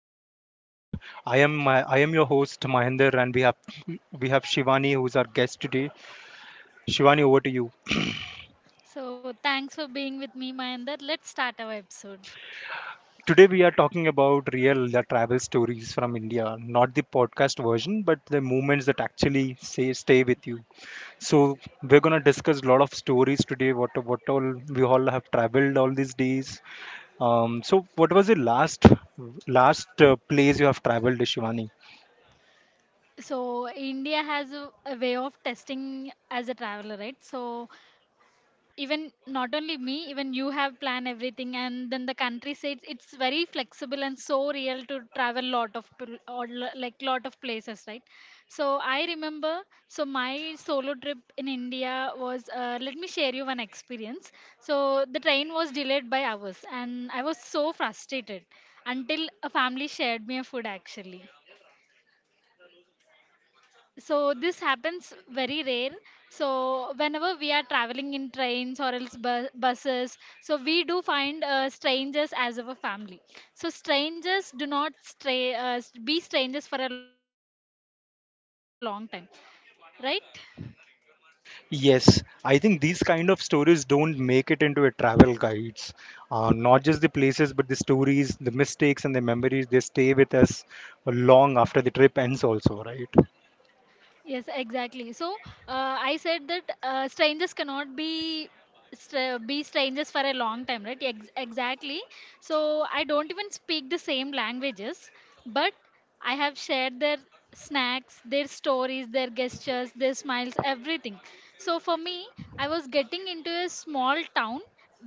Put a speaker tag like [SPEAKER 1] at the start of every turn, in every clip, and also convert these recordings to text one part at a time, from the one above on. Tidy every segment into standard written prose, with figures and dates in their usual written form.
[SPEAKER 1] to the podcast. I am your host Mahinder, and we have Shivani who's our guest today. Shivani, over to you.
[SPEAKER 2] So, thanks for being with me, Mayander. Let's start our episode.
[SPEAKER 1] Today we are talking about real the travel stories from India, not the podcast version, but the moments that actually say stay with you. So we're gonna discuss a lot of stories today. What all we all have traveled all these days. So what was the last place you have traveled, Shivani?
[SPEAKER 2] So, India has a way of testing as a traveler, right? So, even not only me, even you have planned everything, and then the country says it's very flexible. And so real to travel lot of like lot of places, right? So I remember, so my solo trip in India was, let me share you one experience. So the train was delayed by hours and I was so frustrated until a family shared me a food actually. So this happens very rare. So whenever we are traveling in trains or else buses, so we do find strangers as our family. So strangers do not stray, be strangers for a long time, right?
[SPEAKER 1] Yes, I think these kind of stories don't make it into a travel guides. Not just the places, but the stories, the mistakes, and the memories, they stay with us long after the trip ends, also, right?
[SPEAKER 2] Yes, exactly. So I said that strangers cannot be be strangers for a long time, right? Exactly. So I don't even speak the same languages, but I have shared their snacks, their stories, their gestures, their smiles, everything. So for me, I was getting into a small town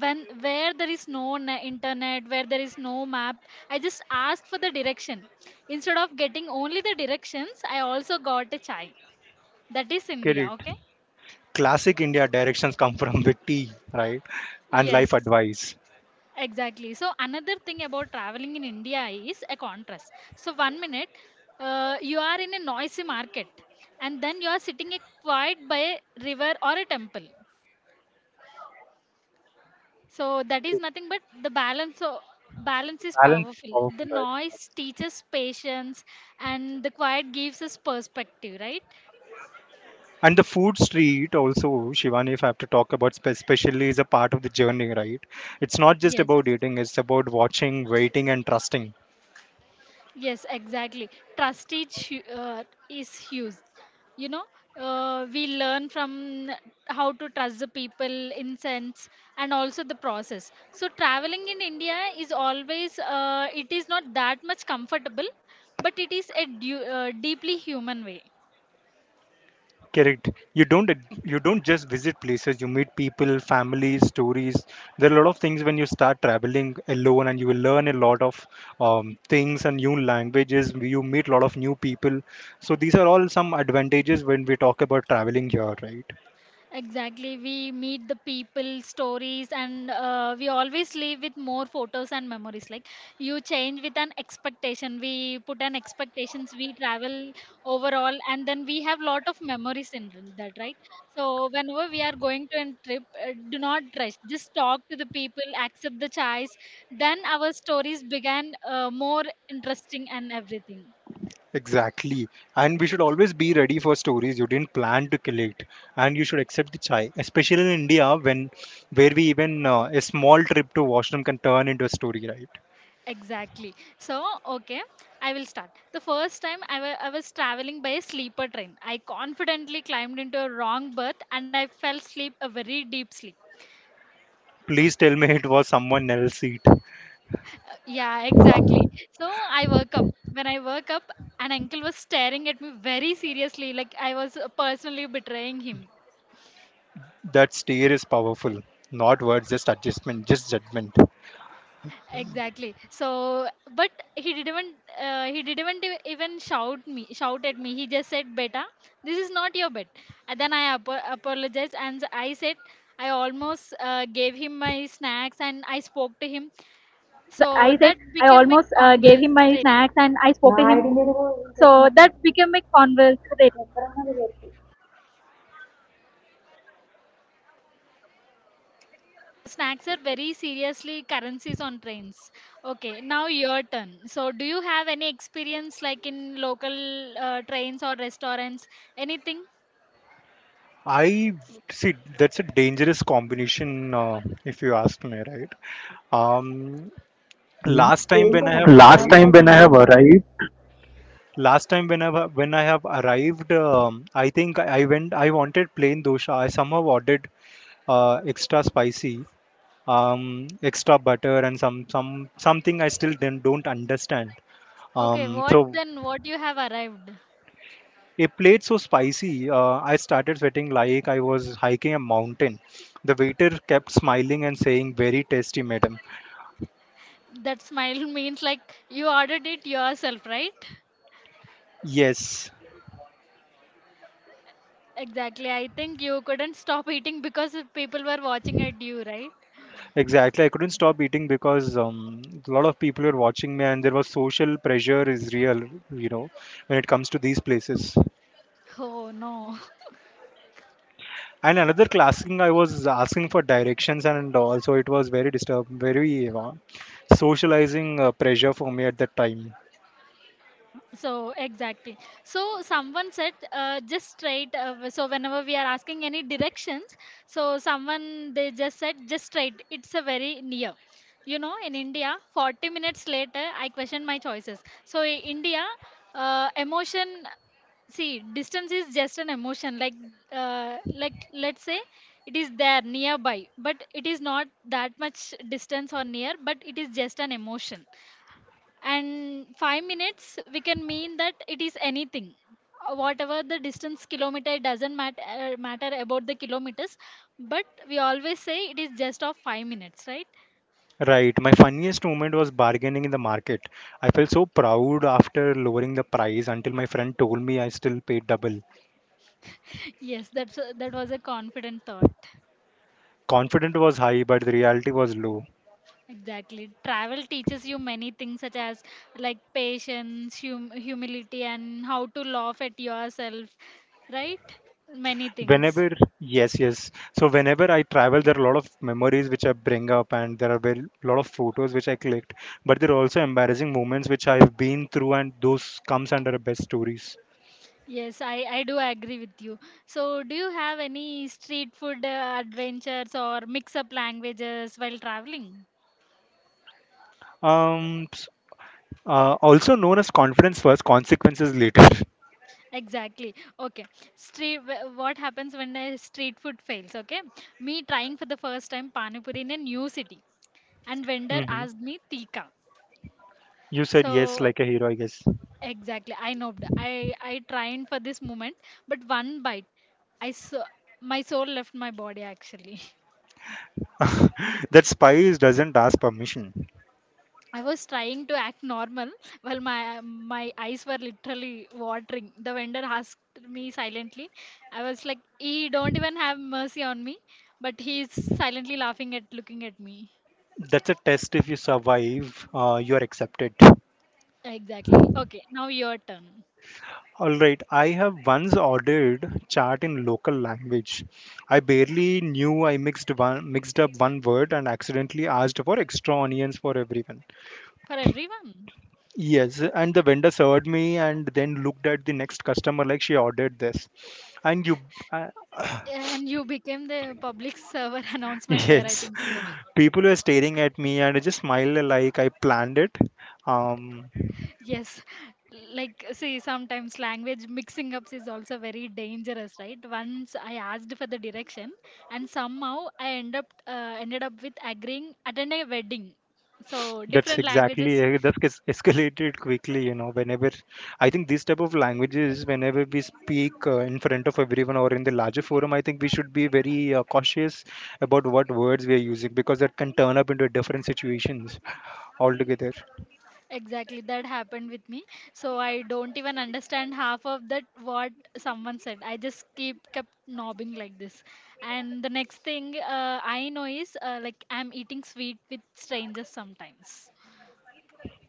[SPEAKER 2] when where there is no internet, where there is no map. I just asked for the direction. Instead of getting only the directions, I also got a chai. That is India.
[SPEAKER 1] Correct.
[SPEAKER 2] Okay,
[SPEAKER 1] Classic India directions come from the tea, right? And
[SPEAKER 2] yes.
[SPEAKER 1] life advice.
[SPEAKER 2] Exactly. So another thing about traveling in India is a contrast. So one minute you are in a noisy market, and then you are sitting a quiet by a river or a temple. So that is
[SPEAKER 1] Correct.
[SPEAKER 2] nothing but the balance. So balance is
[SPEAKER 1] Balance is
[SPEAKER 2] powerful. The
[SPEAKER 1] powerful, right?
[SPEAKER 2] noise teaches patience, and the quiet gives us perspective, right?
[SPEAKER 1] And the food street also, Shivani, if I have to talk about especially is a part of the journey, right? It's not just
[SPEAKER 2] Yes.
[SPEAKER 1] about eating, it's about watching, waiting, and trusting.
[SPEAKER 2] Yes, exactly. Trust is, is huge. You know, we learn from how to trust the people, in sense, and also the process. So traveling in India is always, it is not that much comfortable, but it is a deeply human way.
[SPEAKER 1] Correct. You don't just visit places. You meet people, families, stories. There are a lot of things when you start traveling alone, and you will learn a lot of things and new languages. You meet a lot of new people. So these are all some advantages when we talk about traveling here, right?
[SPEAKER 2] Exactly. We meet the people, stories, and we always leave with more photos and memories. Like, you change with an expectation. We put an expectations. We travel overall, and then we have lot of memories in that, right? So whenever we are going to a trip, do not rush. Just talk to the people, accept the choice. Then our stories began more interesting and everything.
[SPEAKER 1] Exactly. And we should always be ready for stories you didn't plan to collect. And you should accept the chai, especially in India, when where we even a small trip to washroom can turn into a story, right?
[SPEAKER 2] Exactly. So, okay, I will start. The first time I was traveling by a sleeper train, I confidently climbed into a wrong berth and I fell asleep a very deep sleep.
[SPEAKER 1] Please tell me it was someone else's seat.
[SPEAKER 2] Yeah, exactly. So, I woke up. When I woke up, an uncle was staring at me very seriously, like I was personally betraying him.
[SPEAKER 1] That stare is powerful. Not words, just adjustment, just judgment.
[SPEAKER 2] Exactly. So but he didn't, he didn't e- even shout me shout at me, he just said, "Beta, this is not your bed." And then I ap apologized and I said, I almost gave him my snacks
[SPEAKER 3] Not
[SPEAKER 2] and
[SPEAKER 3] your
[SPEAKER 2] I
[SPEAKER 3] bed.
[SPEAKER 2] spoke
[SPEAKER 3] And
[SPEAKER 2] to
[SPEAKER 3] then I
[SPEAKER 2] him.
[SPEAKER 3] apologized,
[SPEAKER 2] So
[SPEAKER 3] and I said
[SPEAKER 2] that
[SPEAKER 3] I
[SPEAKER 2] became a
[SPEAKER 3] almost gave him my
[SPEAKER 2] conversation.
[SPEAKER 3] snacks and I spoke to him. So that became a conversation.
[SPEAKER 2] So snacks are very seriously currencies on trains. Okay, now your turn. So do you have any experience like in local trains or restaurants, anything?
[SPEAKER 1] I see that's a dangerous combination, if you ask me, right? Um, last time when I have
[SPEAKER 3] Last
[SPEAKER 1] arrived,
[SPEAKER 3] time when I have arrived,
[SPEAKER 1] last time when I have arrived, I think I went. I wanted plain dosha. I somehow ordered extra spicy, um, extra butter, and some something I still then don't understand.
[SPEAKER 2] Okay,
[SPEAKER 1] Um,
[SPEAKER 2] what
[SPEAKER 1] so
[SPEAKER 2] then? What you have arrived?
[SPEAKER 1] It played so spicy. I started sweating like I was hiking a mountain. The waiter kept smiling and saying, "Very tasty, madam."
[SPEAKER 2] That smile means like you ordered it yourself, right?
[SPEAKER 1] Yes,
[SPEAKER 2] Exactly. I think you couldn't stop eating because if people were watching at you, right?
[SPEAKER 1] exactly. I couldn't stop eating because a lot of people were watching me, and there was social pressure is real, you know, when it comes to these places.
[SPEAKER 2] Oh no.
[SPEAKER 1] And another classing, I was asking for directions, and also it was very disturbing, very socializing pressure for me at that time.
[SPEAKER 2] So exactly. So someone said, just straight. So whenever we are asking any directions, so someone they just said just straight. It's a very near. You know, in India, 40 minutes later, I questioned my choices. So in India, emotion see, distance is just an emotion. Like like let's say it is there nearby, but it is not that much distance or near, but it is just an emotion. And 5 minutes we can mean that it is anything. Whatever the distance kilometer, it doesn't matter, matter about the kilometers, but we always say it is just of 5 minutes, right?
[SPEAKER 1] Right. My funniest moment was bargaining in the market. I felt so proud after lowering the price until my friend told me I still paid double.
[SPEAKER 2] Yes, that's that was a confident thought.
[SPEAKER 1] Confidence was high, but the reality was low.
[SPEAKER 2] Exactly. Travel teaches you many things, such as like patience, humility, and how to laugh at yourself, right? Many things.
[SPEAKER 1] Whenever, yes, yes. So whenever I travel, there are a lot of memories which I bring up, and there are a lot of photos which I clicked. But there are also embarrassing moments which I've been through, and those comes under the best stories.
[SPEAKER 2] Yes, I do agree with you. So, do you have any street food adventures or mix up languages while traveling?
[SPEAKER 1] Um, s- Also known as confidence first, consequences later.
[SPEAKER 2] Exactly. Okay. Street. What happens when a street food fails? Okay. Me trying for the first time pani puri in a new city, and vendor
[SPEAKER 1] hmm
[SPEAKER 2] asked me tika.
[SPEAKER 1] You said yes
[SPEAKER 2] So
[SPEAKER 1] like a hero, I guess.
[SPEAKER 2] exactly. I know. I trained for this moment, but one bite, I saw my soul left my body. Actually,
[SPEAKER 1] That spice doesn't ask permission.
[SPEAKER 2] I was trying to act normal while my eyes were literally watering. The vendor asked me silently. I was like, "He don't even have mercy on me," but he's silently laughing at looking at me.
[SPEAKER 1] That's a test. If you survive, you are accepted.
[SPEAKER 2] Exactly. Okay, now your turn
[SPEAKER 1] All right, I have once ordered chat in local language. I barely knew I mixed one mixed up one word and accidentally asked for extra onions for everyone.
[SPEAKER 2] for everyone.
[SPEAKER 1] Yes, and the vendor served me and then looked at the next customer like she ordered this. And you, uh,
[SPEAKER 2] And you became the public server announcement there. I
[SPEAKER 1] yes,
[SPEAKER 2] think so.
[SPEAKER 1] people were staring at me and I just smiled like I planned it. Um,
[SPEAKER 2] Yes, like see, sometimes language mixing ups is also very dangerous, right? Once I asked for the direction, and somehow I ended up with agreeing attend a wedding. So
[SPEAKER 1] That's
[SPEAKER 2] different
[SPEAKER 1] exactly
[SPEAKER 2] languages,
[SPEAKER 1] that gets escalated quickly, you know. Whenever I think these type of languages, whenever we speak in front of everyone or in the larger forum, I think we should be very cautious about what words we are using because that can turn up into different situations altogether.
[SPEAKER 2] exactly that happened with me. So I don't even understand half of that what someone said. I just keep kept nobbing like this, and the next thing I know is like I'm eating sweet with strangers sometimes.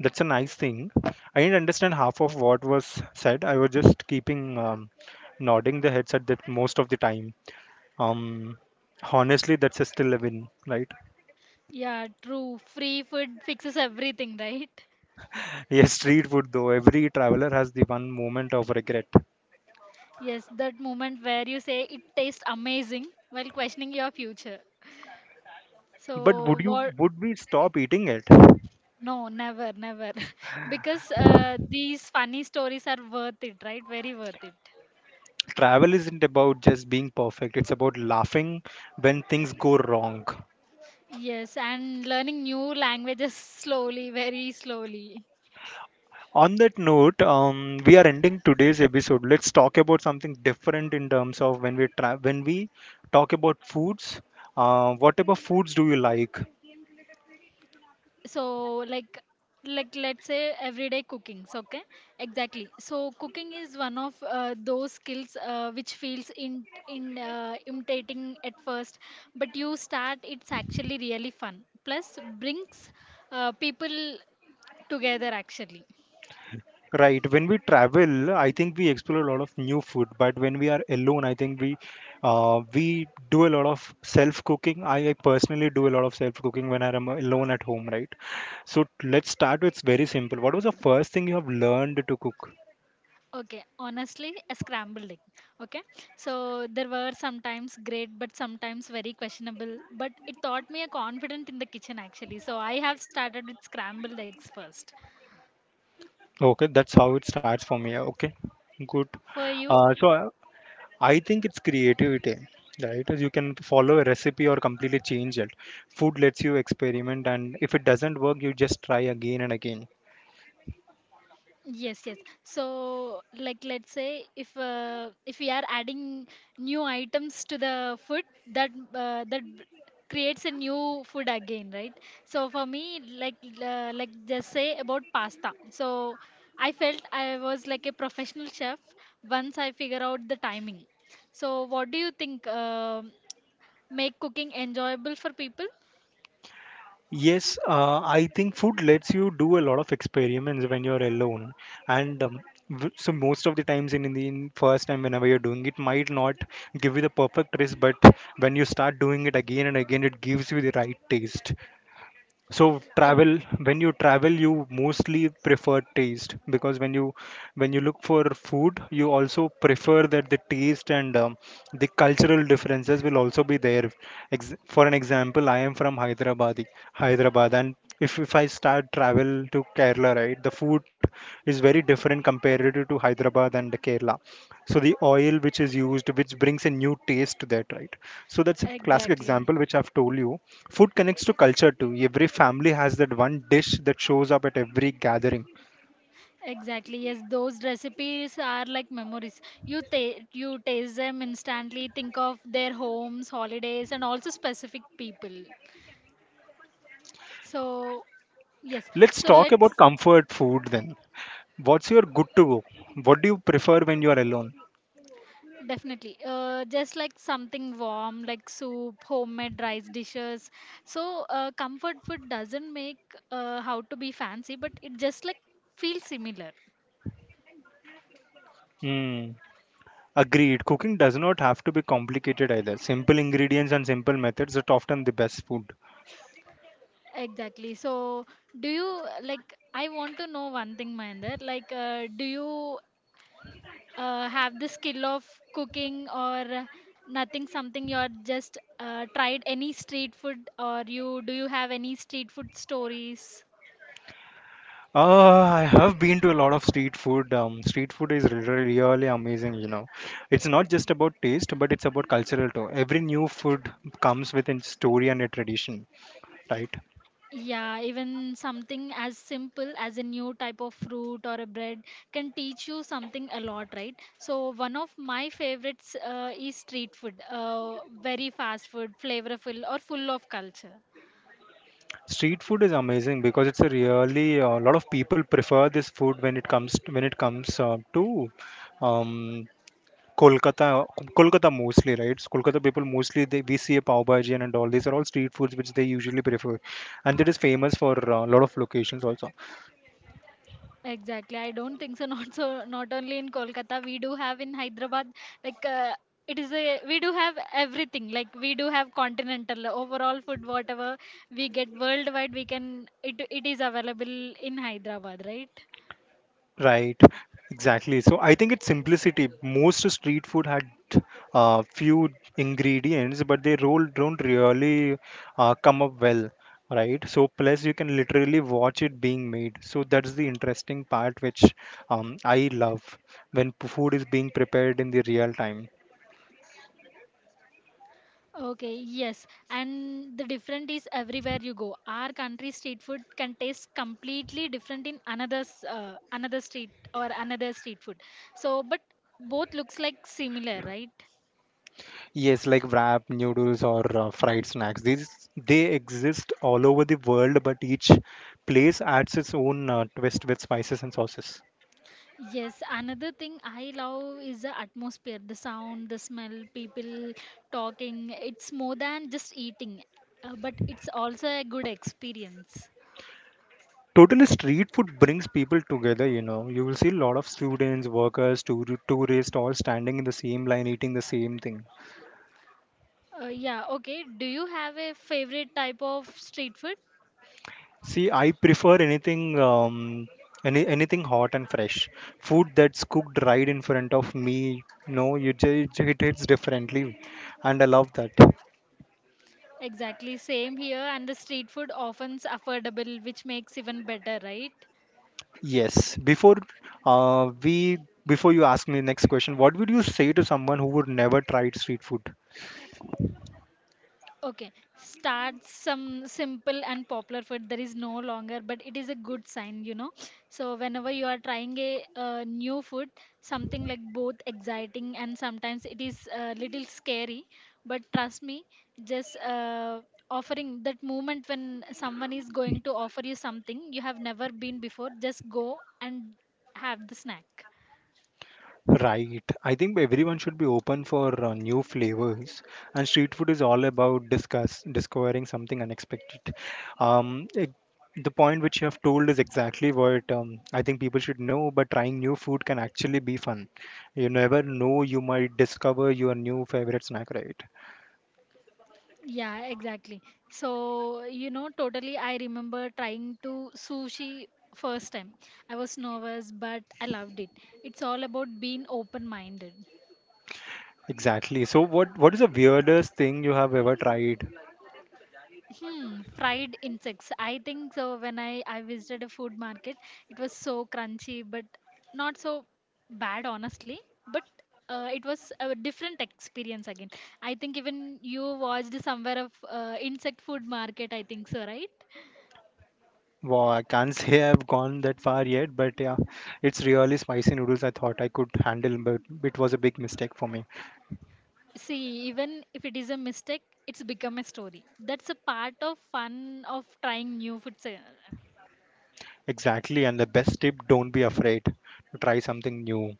[SPEAKER 1] That's a nice thing. I didn't understand half of what was said. I was just keeping nodding the heads at that most of the time. Um, Honestly, that's a still a win, right?
[SPEAKER 2] Yeah, true. Free food fixes everything, right?
[SPEAKER 1] Yes, street food though. Every traveler has the one moment of regret.
[SPEAKER 2] Yes, that moment where you say it tastes amazing while questioning your future.
[SPEAKER 1] But
[SPEAKER 2] So,
[SPEAKER 1] would you
[SPEAKER 2] what?
[SPEAKER 1] would we stop eating it?
[SPEAKER 2] No, never, never. Because these funny stories are worth it, right? Very worth it.
[SPEAKER 1] Travel isn't about just being perfect. It's about laughing when things go wrong.
[SPEAKER 2] Yes, and learning new languages slowly, very slowly.
[SPEAKER 1] On that note, we are ending today's episode. Let's talk about something different in terms of when we talk about foods. Whatever foods do you like?
[SPEAKER 2] So like let's say everyday cookings, okay. Exactly. So cooking is one of those skills which feels in imitating at first, but you start, it's actually really fun plus brings people together actually.
[SPEAKER 1] Right. When we travel, I think we explore a lot of new food. But when we are alone, I think we do a lot of self cooking. I personally do a lot of self cooking when I'm alone at home, right? So let's start with very simple. What was the first thing you have learned to cook?
[SPEAKER 2] Okay, honestly, a scrambled egg. Okay. So there were sometimes great but sometimes very questionable, but it taught me a confident in the kitchen actually. So I have started with scrambled eggs first.
[SPEAKER 1] Okay, that's how it starts for me. Yeah, okay, good.
[SPEAKER 2] For you?
[SPEAKER 1] So I think it's creativity, right? As you can follow a recipe or completely change it. Food lets you experiment, and if it doesn't work, you just try again and again.
[SPEAKER 2] Yes, yes. So, like, let's say if we are adding new items to the food, that creates a new food again, right? So for me, like just say about pasta. So I felt I was like a professional chef once I figure out the timing. So what do you think make cooking enjoyable for people?
[SPEAKER 1] Yes, I think food lets you do a lot of experiments when you're alone, and so most of the times in the in first time whenever you're doing it might not give you the perfect taste, but when you start doing it again and again, it gives you the right taste. So
[SPEAKER 2] Ex-
[SPEAKER 1] travel, when you travel, you mostly prefer taste because when you look for food, you also prefer that the taste and the cultural differences will also be there. Ex for an example, I am from Hyderabad, and if I start travel to Kerala, right, the food is very different compared to Hyderabad and the Kerala. So the oil which is used, which brings a new taste to that, right? So that's a classic
[SPEAKER 2] Exactly.
[SPEAKER 1] example which I've told you. Food connects to culture too. Every family has that one dish that shows up at every gathering.
[SPEAKER 2] Exactly, yes, those recipes are like memories. You taste them instantly, think of their homes, holidays, and also specific people. So, yes, so
[SPEAKER 1] Let's talk
[SPEAKER 2] let's
[SPEAKER 1] about comfort food then. What's your good to go? What do you prefer when you are alone?
[SPEAKER 2] definitely, just like something warm, like soup, homemade rice dishes. So, comfort food doesn't make how to be fancy, but it just like feels similar.
[SPEAKER 1] Hmm. Agreed. Cooking does not have to be complicated either. Simple ingredients and simple methods are often the best food.
[SPEAKER 2] Exactly. So, do you like? I want to know one thing, Mahinder. Like, do you have the skill of cooking or nothing, something you're just tried any street food, or you do you have any street food stories?
[SPEAKER 1] I have been to a lot of street food. Street food is really, really amazing, you know. It's not just about taste, but it's about cultural too. Every new food comes with a story and a tradition, right?
[SPEAKER 2] Yeah, even something as simple as a new type of fruit or a bread can teach you something a lot, right? So one of my favorites is street food, very fast food, flavorful or full of culture.
[SPEAKER 1] Street food is amazing because it's a really a lot of people prefer this food when it comes to um, Kolkata, Kolkata mostly, right? Kolkata people mostly they we see a pav bhaji and all. These are all street foods which they usually prefer, and it is famous for a lot of locations also.
[SPEAKER 2] Exactly. I don't think so. Not so. Not only in Kolkata, we do have in Hyderabad. Like it is a we do have everything. Like we do have continental overall food. Whatever we get worldwide, we can, it is available in Hyderabad, right?
[SPEAKER 1] Right, exactly. So I think it's simplicity. Most street food had few ingredients, but they roll don't really come up well, right? So plus you can literally watch it being made. So that's the interesting part which I love when food is being prepared in the real time.
[SPEAKER 2] Okay, yes. And the different is everywhere you go. Our country street food can taste completely different in another's, another street or another street food. So, but both looks like similar, right?
[SPEAKER 1] Yes, like wrap, noodles, or fried snacks. These they exist all over the world, but each place adds its own twist with spices and sauces.
[SPEAKER 2] Yes, another thing I love is the atmosphere, the sound, the smell, people talking. It's more than just eating, but it's also a good experience.
[SPEAKER 1] Totally, street food brings people together. You know, you will see a lot of students, workers, tourists, all standing in the same line, eating the same thing.
[SPEAKER 2] Yeah, okay. Do you have a favorite type of street food?
[SPEAKER 1] See, I prefer anything, any anything hot and fresh. Food that's cooked right in front of me. No, you just it hits differently, and I love that.
[SPEAKER 2] Exactly, same here. And the street food often's affordable, which makes even better, right?
[SPEAKER 1] Yes. Uh, we before you ask me the next question, what would you say to someone who would never tried street food?
[SPEAKER 2] Okay, start some simple and popular food. There is no longer, but it is a good sign, you know. So whenever you are trying a new food, something like both exciting and sometimes it is a little scary, but trust me, just offering that moment when someone is going to offer you something you have never been before, just go and have the snack.
[SPEAKER 1] Right. I think everyone should be open for new flavors, and street food is all about discuss discovering something unexpected. Um, it- the point which you have told is exactly what I think people should know. But trying new food can actually be fun. You never know; you might discover your new favorite snack. Right.
[SPEAKER 2] Yeah, exactly. So, you know, totally, I remember trying to sushi first time. I was nervous, but I loved it. It's all about being open-minded.
[SPEAKER 1] Exactly. So, what is the weirdest thing you have ever tried?
[SPEAKER 2] Hmm, fried insects. I think so. When I visited a food market, it was so crunchy, but not so bad, honestly. But it was a different experience again. I think even you watched somewhere of insect food market. I think so, right?
[SPEAKER 1] Wow, I can't say I've gone that far yet, but yeah, it's really spicy noodles I thought I could handle, but it was a big mistake for me.
[SPEAKER 2] See, even if it is a mistake, it's become a story. That's a part of fun of trying new food.
[SPEAKER 1] Exactly, and the best tip, don't be afraid to try something new.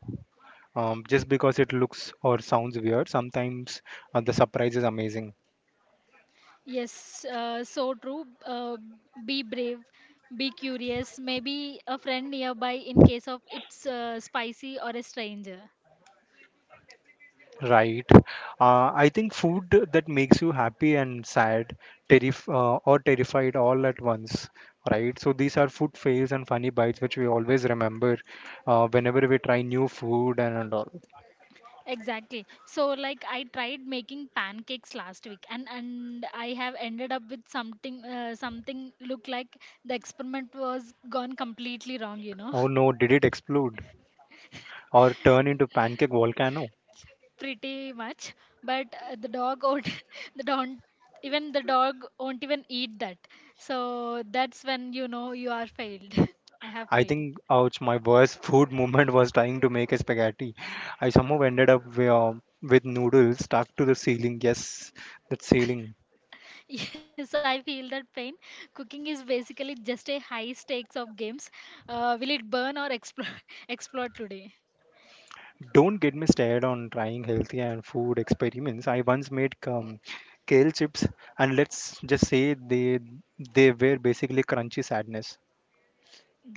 [SPEAKER 1] Just because it looks or sounds weird, sometimes the surprise is amazing.
[SPEAKER 2] Yes, so true. Be brave, be curious. Maybe a friend nearby in case of it's spicy or a stranger.
[SPEAKER 1] Right. I think food that makes you happy and sad, terrif or terrified all at once. Right. So these are food fails and funny bites which we always remember whenever we try new food and all.
[SPEAKER 2] Exactly. So like I tried making pancakes last week and I have ended up with something something look like the experiment was gone completely wrong, you know.
[SPEAKER 1] Oh no, did it explode or turn into pancake volcano?
[SPEAKER 2] Pretty much, but the dog won't the don't even the dog won't even eat that, so that's when you know you are failed. I have
[SPEAKER 1] I
[SPEAKER 2] failed.
[SPEAKER 1] think ouch, my worst food moment was trying to make a spaghetti. I somehow ended up with noodles stuck to the ceiling. Yes, that ceiling.
[SPEAKER 2] Yes, I feel that pain. Cooking is basically just a high stakes of games. Will it burn or explode? Explode today.
[SPEAKER 1] Don't get me started on trying healthy and food experiments. I once made kale chips, and let's just say they were basically crunchy sadness.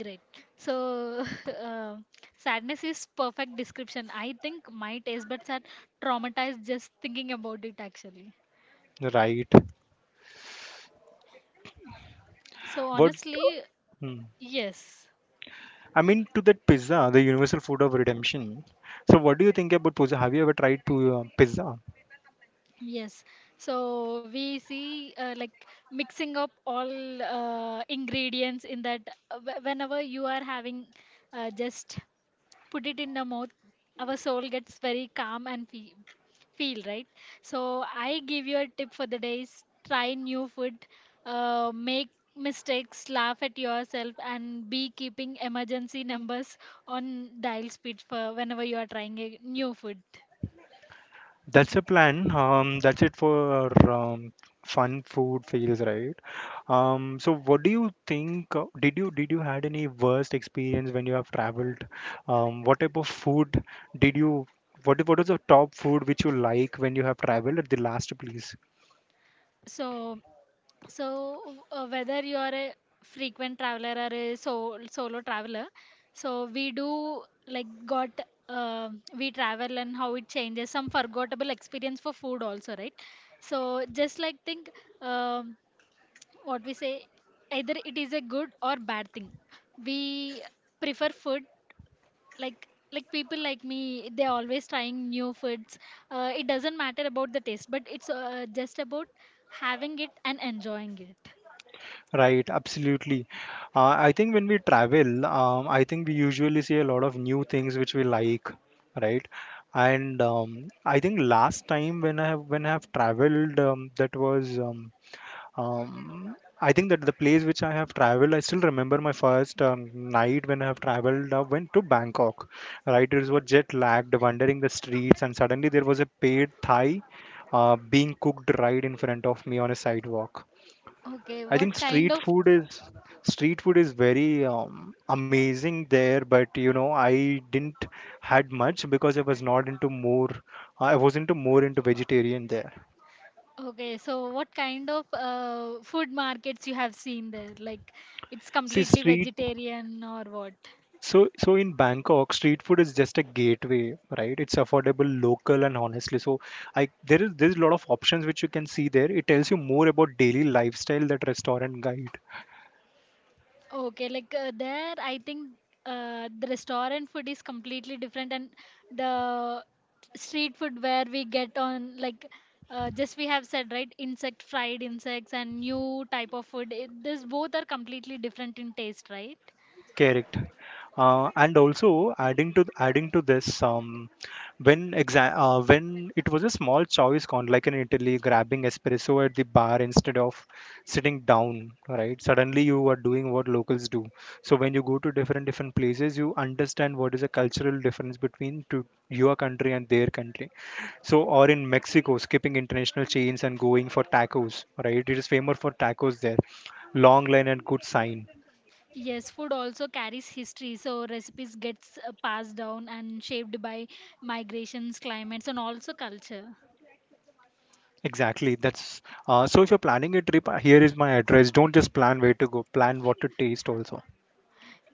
[SPEAKER 2] Great. So uh, sadness is perfect description. I think my taste buds are traumatized just thinking about it actually.
[SPEAKER 1] Right?
[SPEAKER 2] So
[SPEAKER 1] What?
[SPEAKER 2] honestly,
[SPEAKER 1] Hmm.
[SPEAKER 2] yes.
[SPEAKER 1] I mean, to that pizza, the universal food of redemption. So, what do you think about pizza? Have you ever tried to pizza?
[SPEAKER 2] Yes, so we see like mixing up all ingredients in that. Whenever you are having, just put it in the mouth. Our soul gets very calm and feel right. So I give you a tip for the days: try new food, make mistakes, laugh at yourself, and be keeping emergency numbers on dial speed for whenever you are trying a new food.
[SPEAKER 1] That's a plan. That's it for fun food fails, right? So, what do you think? Did you had any worst experience when you have traveled? What type of food did you? What was the top food which you like when you have traveled at the last place?
[SPEAKER 2] So So, whether you are a frequent traveler or a solo traveler, so we do like got uh, we travel and how it changes some forgettable experience for food also, right? So just like think, um, what we say, either it is a good or bad thing. We prefer food. Like people like me, they always trying new foods. It doesn't matter about the taste, but it's just about having it and enjoying it.
[SPEAKER 1] Right, absolutely. I think when we travel, I think we usually see a lot of new things which we like, right? And I think last time when I have traveled, that was I think that the place which I have traveled, I still remember my first night when I have traveled. I went to Bangkok, right? It was jet lagged, wandering the streets, and suddenly there was a paid Thai being cooked right in front of me on a sidewalk.
[SPEAKER 2] Okay,
[SPEAKER 1] I think
[SPEAKER 2] what kind of,
[SPEAKER 1] street food is very amazing there, but you know I didn't had much because I was not into more I was into more into vegetarian there.
[SPEAKER 2] okay, so what kind of food markets you have seen there? Like, it's
[SPEAKER 1] See
[SPEAKER 2] completely
[SPEAKER 1] street
[SPEAKER 2] vegetarian or what?
[SPEAKER 1] so in Bangkok street food is just a gateway, right? It's affordable, local and honestly. So I there's a lot of options which you can see there. It tells you more about daily lifestyle that restaurant guide.
[SPEAKER 2] Okay, like there I think the restaurant food is completely different, and the street food where we get on like, just we have said right, insect, fried insects, and new type of food, it, this both are completely different in taste, right?
[SPEAKER 1] Correct. And also adding to this, when it was a small choice con like in Italy, grabbing espresso at the bar instead of sitting down, right? Suddenly you are doing what locals do. So when you go to different places, you understand what is a cultural difference between to your country and their country. So, or in Mexico, skipping international chains and going for tacos, right? It is famous for tacos there. Long line and good sign.
[SPEAKER 2] Yes, food also carries history, so recipes gets passed down and shaped by migrations, climates, and also culture.
[SPEAKER 1] Exactly. That's so. If you're planning a trip, here is my address. Don't just plan where to go. Plan what to taste also.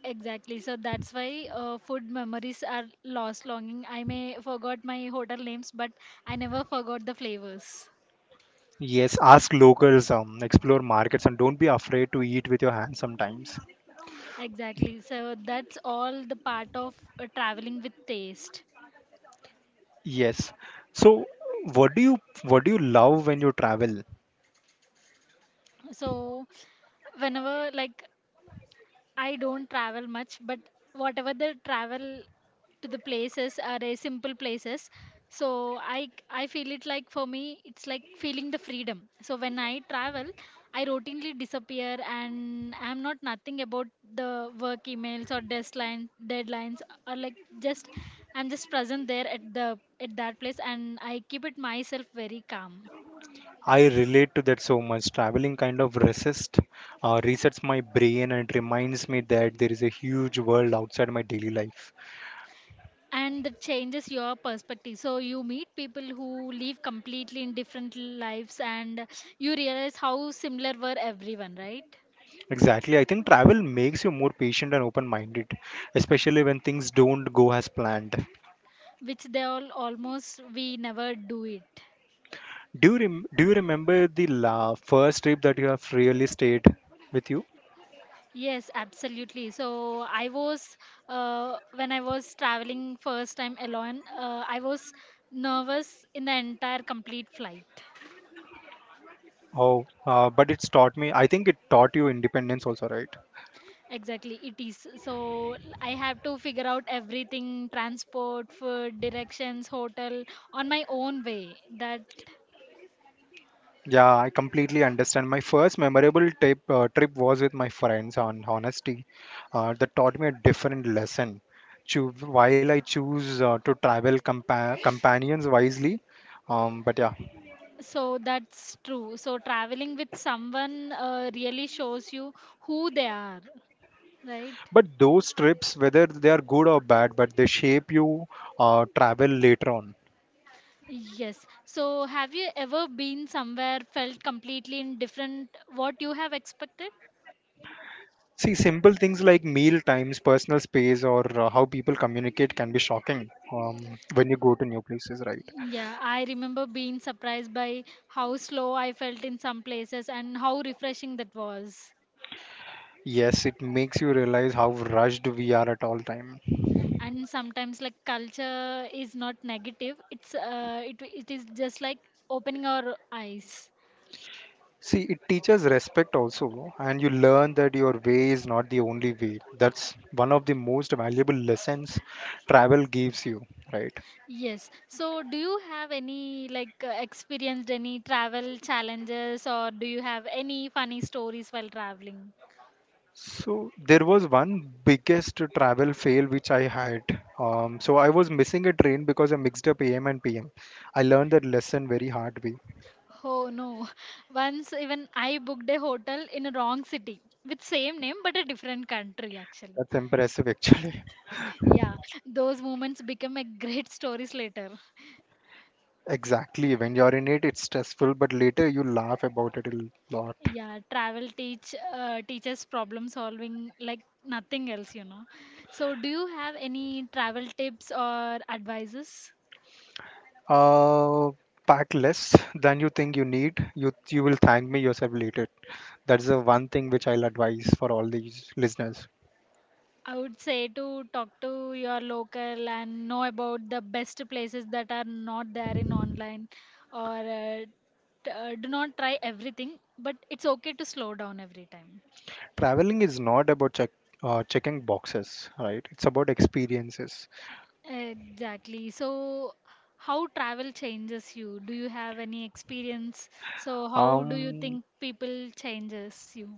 [SPEAKER 2] Exactly, so that's why food memories are lost longing. I may forgot my hotel names, but I never forgot the flavors.
[SPEAKER 1] Yes, ask locals, explore markets, and don't be afraid to eat with your hands sometimes.
[SPEAKER 2] Exactly, so that's all the part of traveling with taste.
[SPEAKER 1] Yes. So, what do you what do you love when you travel?
[SPEAKER 2] So whenever, like, I don't travel much, but whatever the travel to the places are a simple places. So I feel it like, for me it's like feeling the freedom. So when I travel, I routinely disappear and I'm not nothing about the work emails or deadlines, or like just I'm just present there at the at that place, and I keep it myself very calm.
[SPEAKER 1] I relate to that so much. Traveling kind of resets my brain and reminds me that there is a huge world outside my daily life.
[SPEAKER 2] And that changes your perspective, so you meet people who live completely in different lives, and you realize how similar were everyone, right?
[SPEAKER 1] Exactly. I think travel makes you more patient and open-minded, especially when things don't go as planned.
[SPEAKER 2] Which they all almost we never do it.
[SPEAKER 1] Do you remember the first trip that you have really stayed with you?
[SPEAKER 2] Yes, absolutely. So I was, when I was traveling first time alone, I was nervous in the entire complete flight.
[SPEAKER 1] Oh, but it's taught me. I think it taught you independence also, right?
[SPEAKER 2] Exactly, it is. So I have to figure out everything, transport, food, directions, hotel on my own way. That,
[SPEAKER 1] Yeah, I completely understand. My first memorable trip was with my friends on honesty. That taught me a different lesson. Choo- while I choose to travel companions wisely, but yeah.
[SPEAKER 2] so that's true. So traveling with someone really shows you who they are, right?
[SPEAKER 1] But those trips, whether they are good or bad, but they shape you travel later on.
[SPEAKER 2] Yes. So, have you ever been somewhere felt completely in different? What you have expected?
[SPEAKER 1] See, simple things like meal times, personal space, or how people communicate can be shocking when you go to new places, right?
[SPEAKER 2] Yeah, I remember being surprised by how slow I felt in some places and how refreshing that was.
[SPEAKER 1] Yes, it makes you realize how rushed we are at all time.
[SPEAKER 2] And sometimes, like, culture is not negative, it's it is just like opening our eyes.
[SPEAKER 1] See, it teaches respect also, and you learn that your way is not the only way. That's one of the most valuable lessons travel gives you, right?
[SPEAKER 2] Yes. So, do you have any like experienced any travel challenges, or do you have any funny stories while traveling?
[SPEAKER 1] So there was one biggest travel fail which I had. So I was missing a train because I mixed up AM and PM. I learned that lesson very hard way.
[SPEAKER 2] Oh no. Once, even I booked a hotel in a wrong city with same name, but a different country actually.
[SPEAKER 1] That's impressive actually.
[SPEAKER 2] Yeah, those moments become a great stories later.
[SPEAKER 1] Exactly. When you're in it, it's stressful, but later you laugh about it a lot.
[SPEAKER 2] Yeah, travel teaches problem solving like nothing else, you know. So, do you have any travel tips or advices?
[SPEAKER 1] Uh, pack less than you think you need. You will thank me yourself later. That's the one thing which I'll advise for all these listeners.
[SPEAKER 2] I would say to talk to your local and know about the best places that are not there in online, or do not try everything, but it's okay to slow down every time.
[SPEAKER 1] Traveling is not about checking boxes, right? It's about experiences.
[SPEAKER 2] Exactly. So, how travel changes you? Do you have any experience? So, how do you
[SPEAKER 1] Um,
[SPEAKER 2] think people changes you?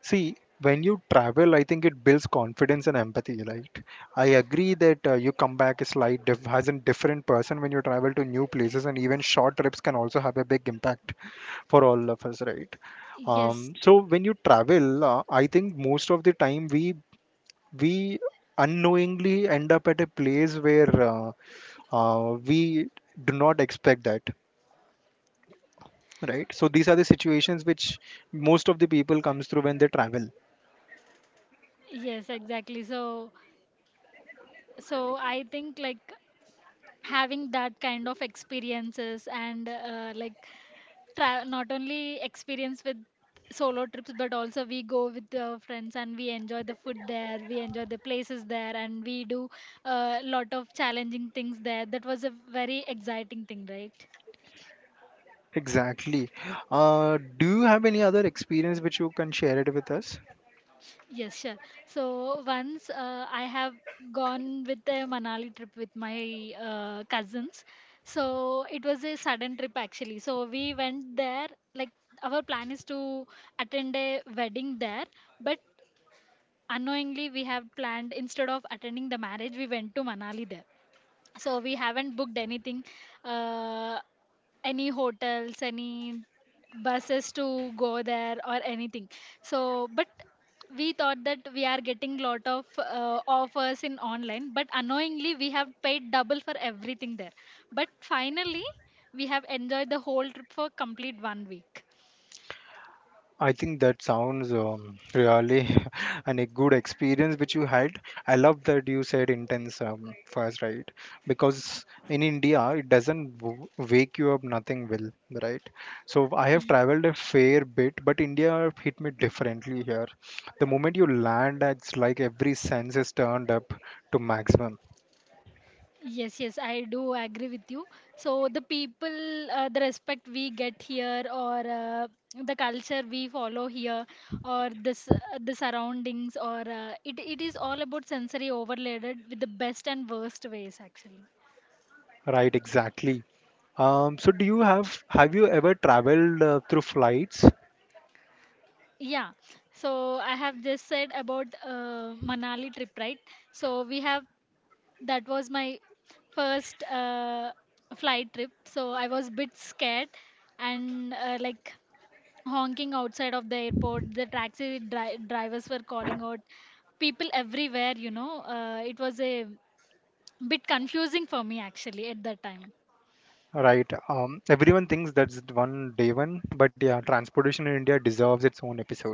[SPEAKER 1] see, when you travel, I think it builds confidence and empathy, right? I agree that you come back as as a different person when you travel to new places, and even short trips can also have a big impact for all of us, right?
[SPEAKER 2] Yes,
[SPEAKER 1] So when you travel, I think most of the time we unknowingly end up at a place where we do not expect that, right? So these are the situations which most of the people comes through when they travel.
[SPEAKER 2] yes, exactly. So, so I think like having that kind of experiences and like, not only experience with solo trips, but also we go with the friends and we enjoy the food there, we enjoy the places there, and we do a lot of challenging things there. That was a very exciting thing, right?
[SPEAKER 1] Exactly. Do you have any other experience which you can share it with us?
[SPEAKER 2] Yes, sure. So once, I have gone with a Manali trip with my cousins. So it was a sudden trip, actually. So we went there like our plan is to attend a wedding there, but unknowingly we have planned, instead of attending the marriage, we went to Manali there. So we haven't booked anything, uh, any hotels, any buses to go there, or anything. So but we thought that we are getting lot of offers in online, but unknowingly we have paid double for everything there. But finally, we have enjoyed the whole trip for complete 1 week.
[SPEAKER 1] I think that sounds really a good experience which you had. I love that you said intense first, right? Because in India, it doesn't wake you up, nothing will, right? So I have traveled a fair bit, but India hit me differently here. The moment you land, it's like every sense is turned up to maximum.
[SPEAKER 2] Yes, yes, I do agree with you. So the people, the respect we get here, or the culture we follow here, or this the surroundings, or it it is all about sensory overloaded with the best and worst ways actually.
[SPEAKER 1] Right, exactly. So do you have you ever traveled through flights?
[SPEAKER 2] Yeah. So I have just said about Manali trip, right? So we have, that was my first flight trip. So I was bit scared, and like honking outside of the airport, the taxi drivers were calling out people everywhere, you know. It was a bit confusing for me actually at that time.
[SPEAKER 1] Right. Everyone thinks that's the one day one, but yeah, transportation in India deserves its own episode.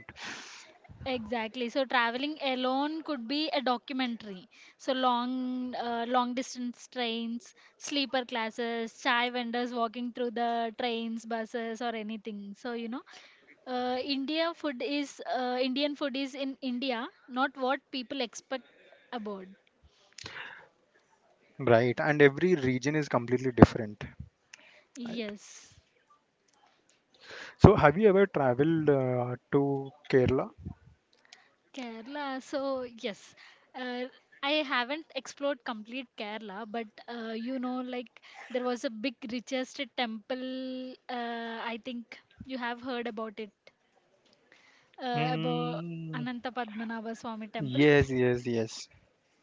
[SPEAKER 2] Exactly, so traveling alone could be a documentary. So long, long distance trains, sleeper classes, chai vendors walking through the trains, buses, or anything, so you know, Indian food is in India, not what people expect abroad.
[SPEAKER 1] Right, and every region is completely different. Right.
[SPEAKER 2] Yes.
[SPEAKER 1] So have you ever traveled to Kerala?
[SPEAKER 2] Kerala. So yes, uh, I haven't explored complete Kerala, but you know, like there was a big richest temple. I think you have heard about it about
[SPEAKER 1] Mm,
[SPEAKER 2] Ananta Padmanabha Swami Temple.
[SPEAKER 1] yes, yes, yes.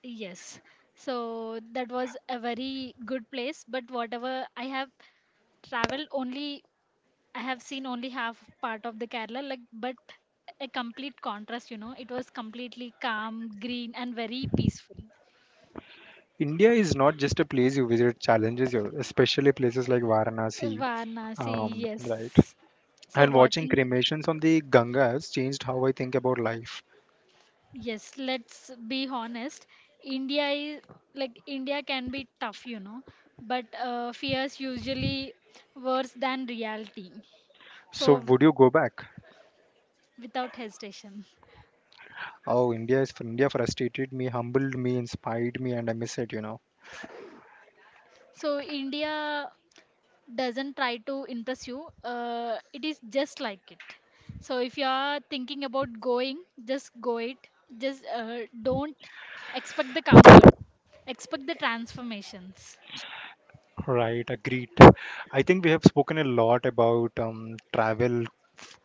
[SPEAKER 2] Yes. So that was a very good place. But whatever I have traveled only, I have seen only half part of the Kerala, like, but a complete contrast, you know. It was completely calm, green, and very peaceful.
[SPEAKER 1] India is not just a place you visit; it challenges you, especially places like Varanasi.
[SPEAKER 2] Varanasi,
[SPEAKER 1] Right.
[SPEAKER 2] yes. So
[SPEAKER 1] And watching
[SPEAKER 2] watching,
[SPEAKER 1] cremations on the Ganga has changed how I think about life.
[SPEAKER 2] yes, let's be honest. India is, like, India can be tough, you know, but fears usually worse than reality.
[SPEAKER 1] So
[SPEAKER 2] So
[SPEAKER 1] would you go back?
[SPEAKER 2] without hesitation.
[SPEAKER 1] Oh, India is India frustrated me, humbled me, inspired me, and I miss it. You know.
[SPEAKER 2] So India doesn't try to impress you, it is just like it. So if you are thinking about going, just go it, just don't expect the comfort, expect the transformations.
[SPEAKER 1] Right, agreed. I think we have spoken a lot about travel,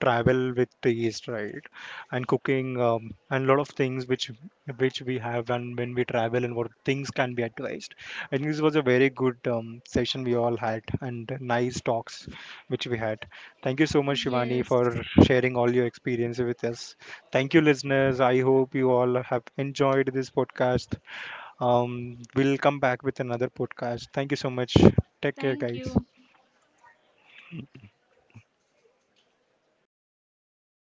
[SPEAKER 1] travel with taste, right, and cooking, and a lot of things which we have, and when we travel, and what things can be advised. I think this was a very good session we all had, and nice talks which we had. Thank you so much, Shivani,
[SPEAKER 2] Yes,
[SPEAKER 1] for sharing all your experiences with us. Thank you, listeners. I hope you all have enjoyed this podcast. We'll come back with another podcast. Thank you so much. Take care,
[SPEAKER 2] thank
[SPEAKER 1] guys.
[SPEAKER 2] you.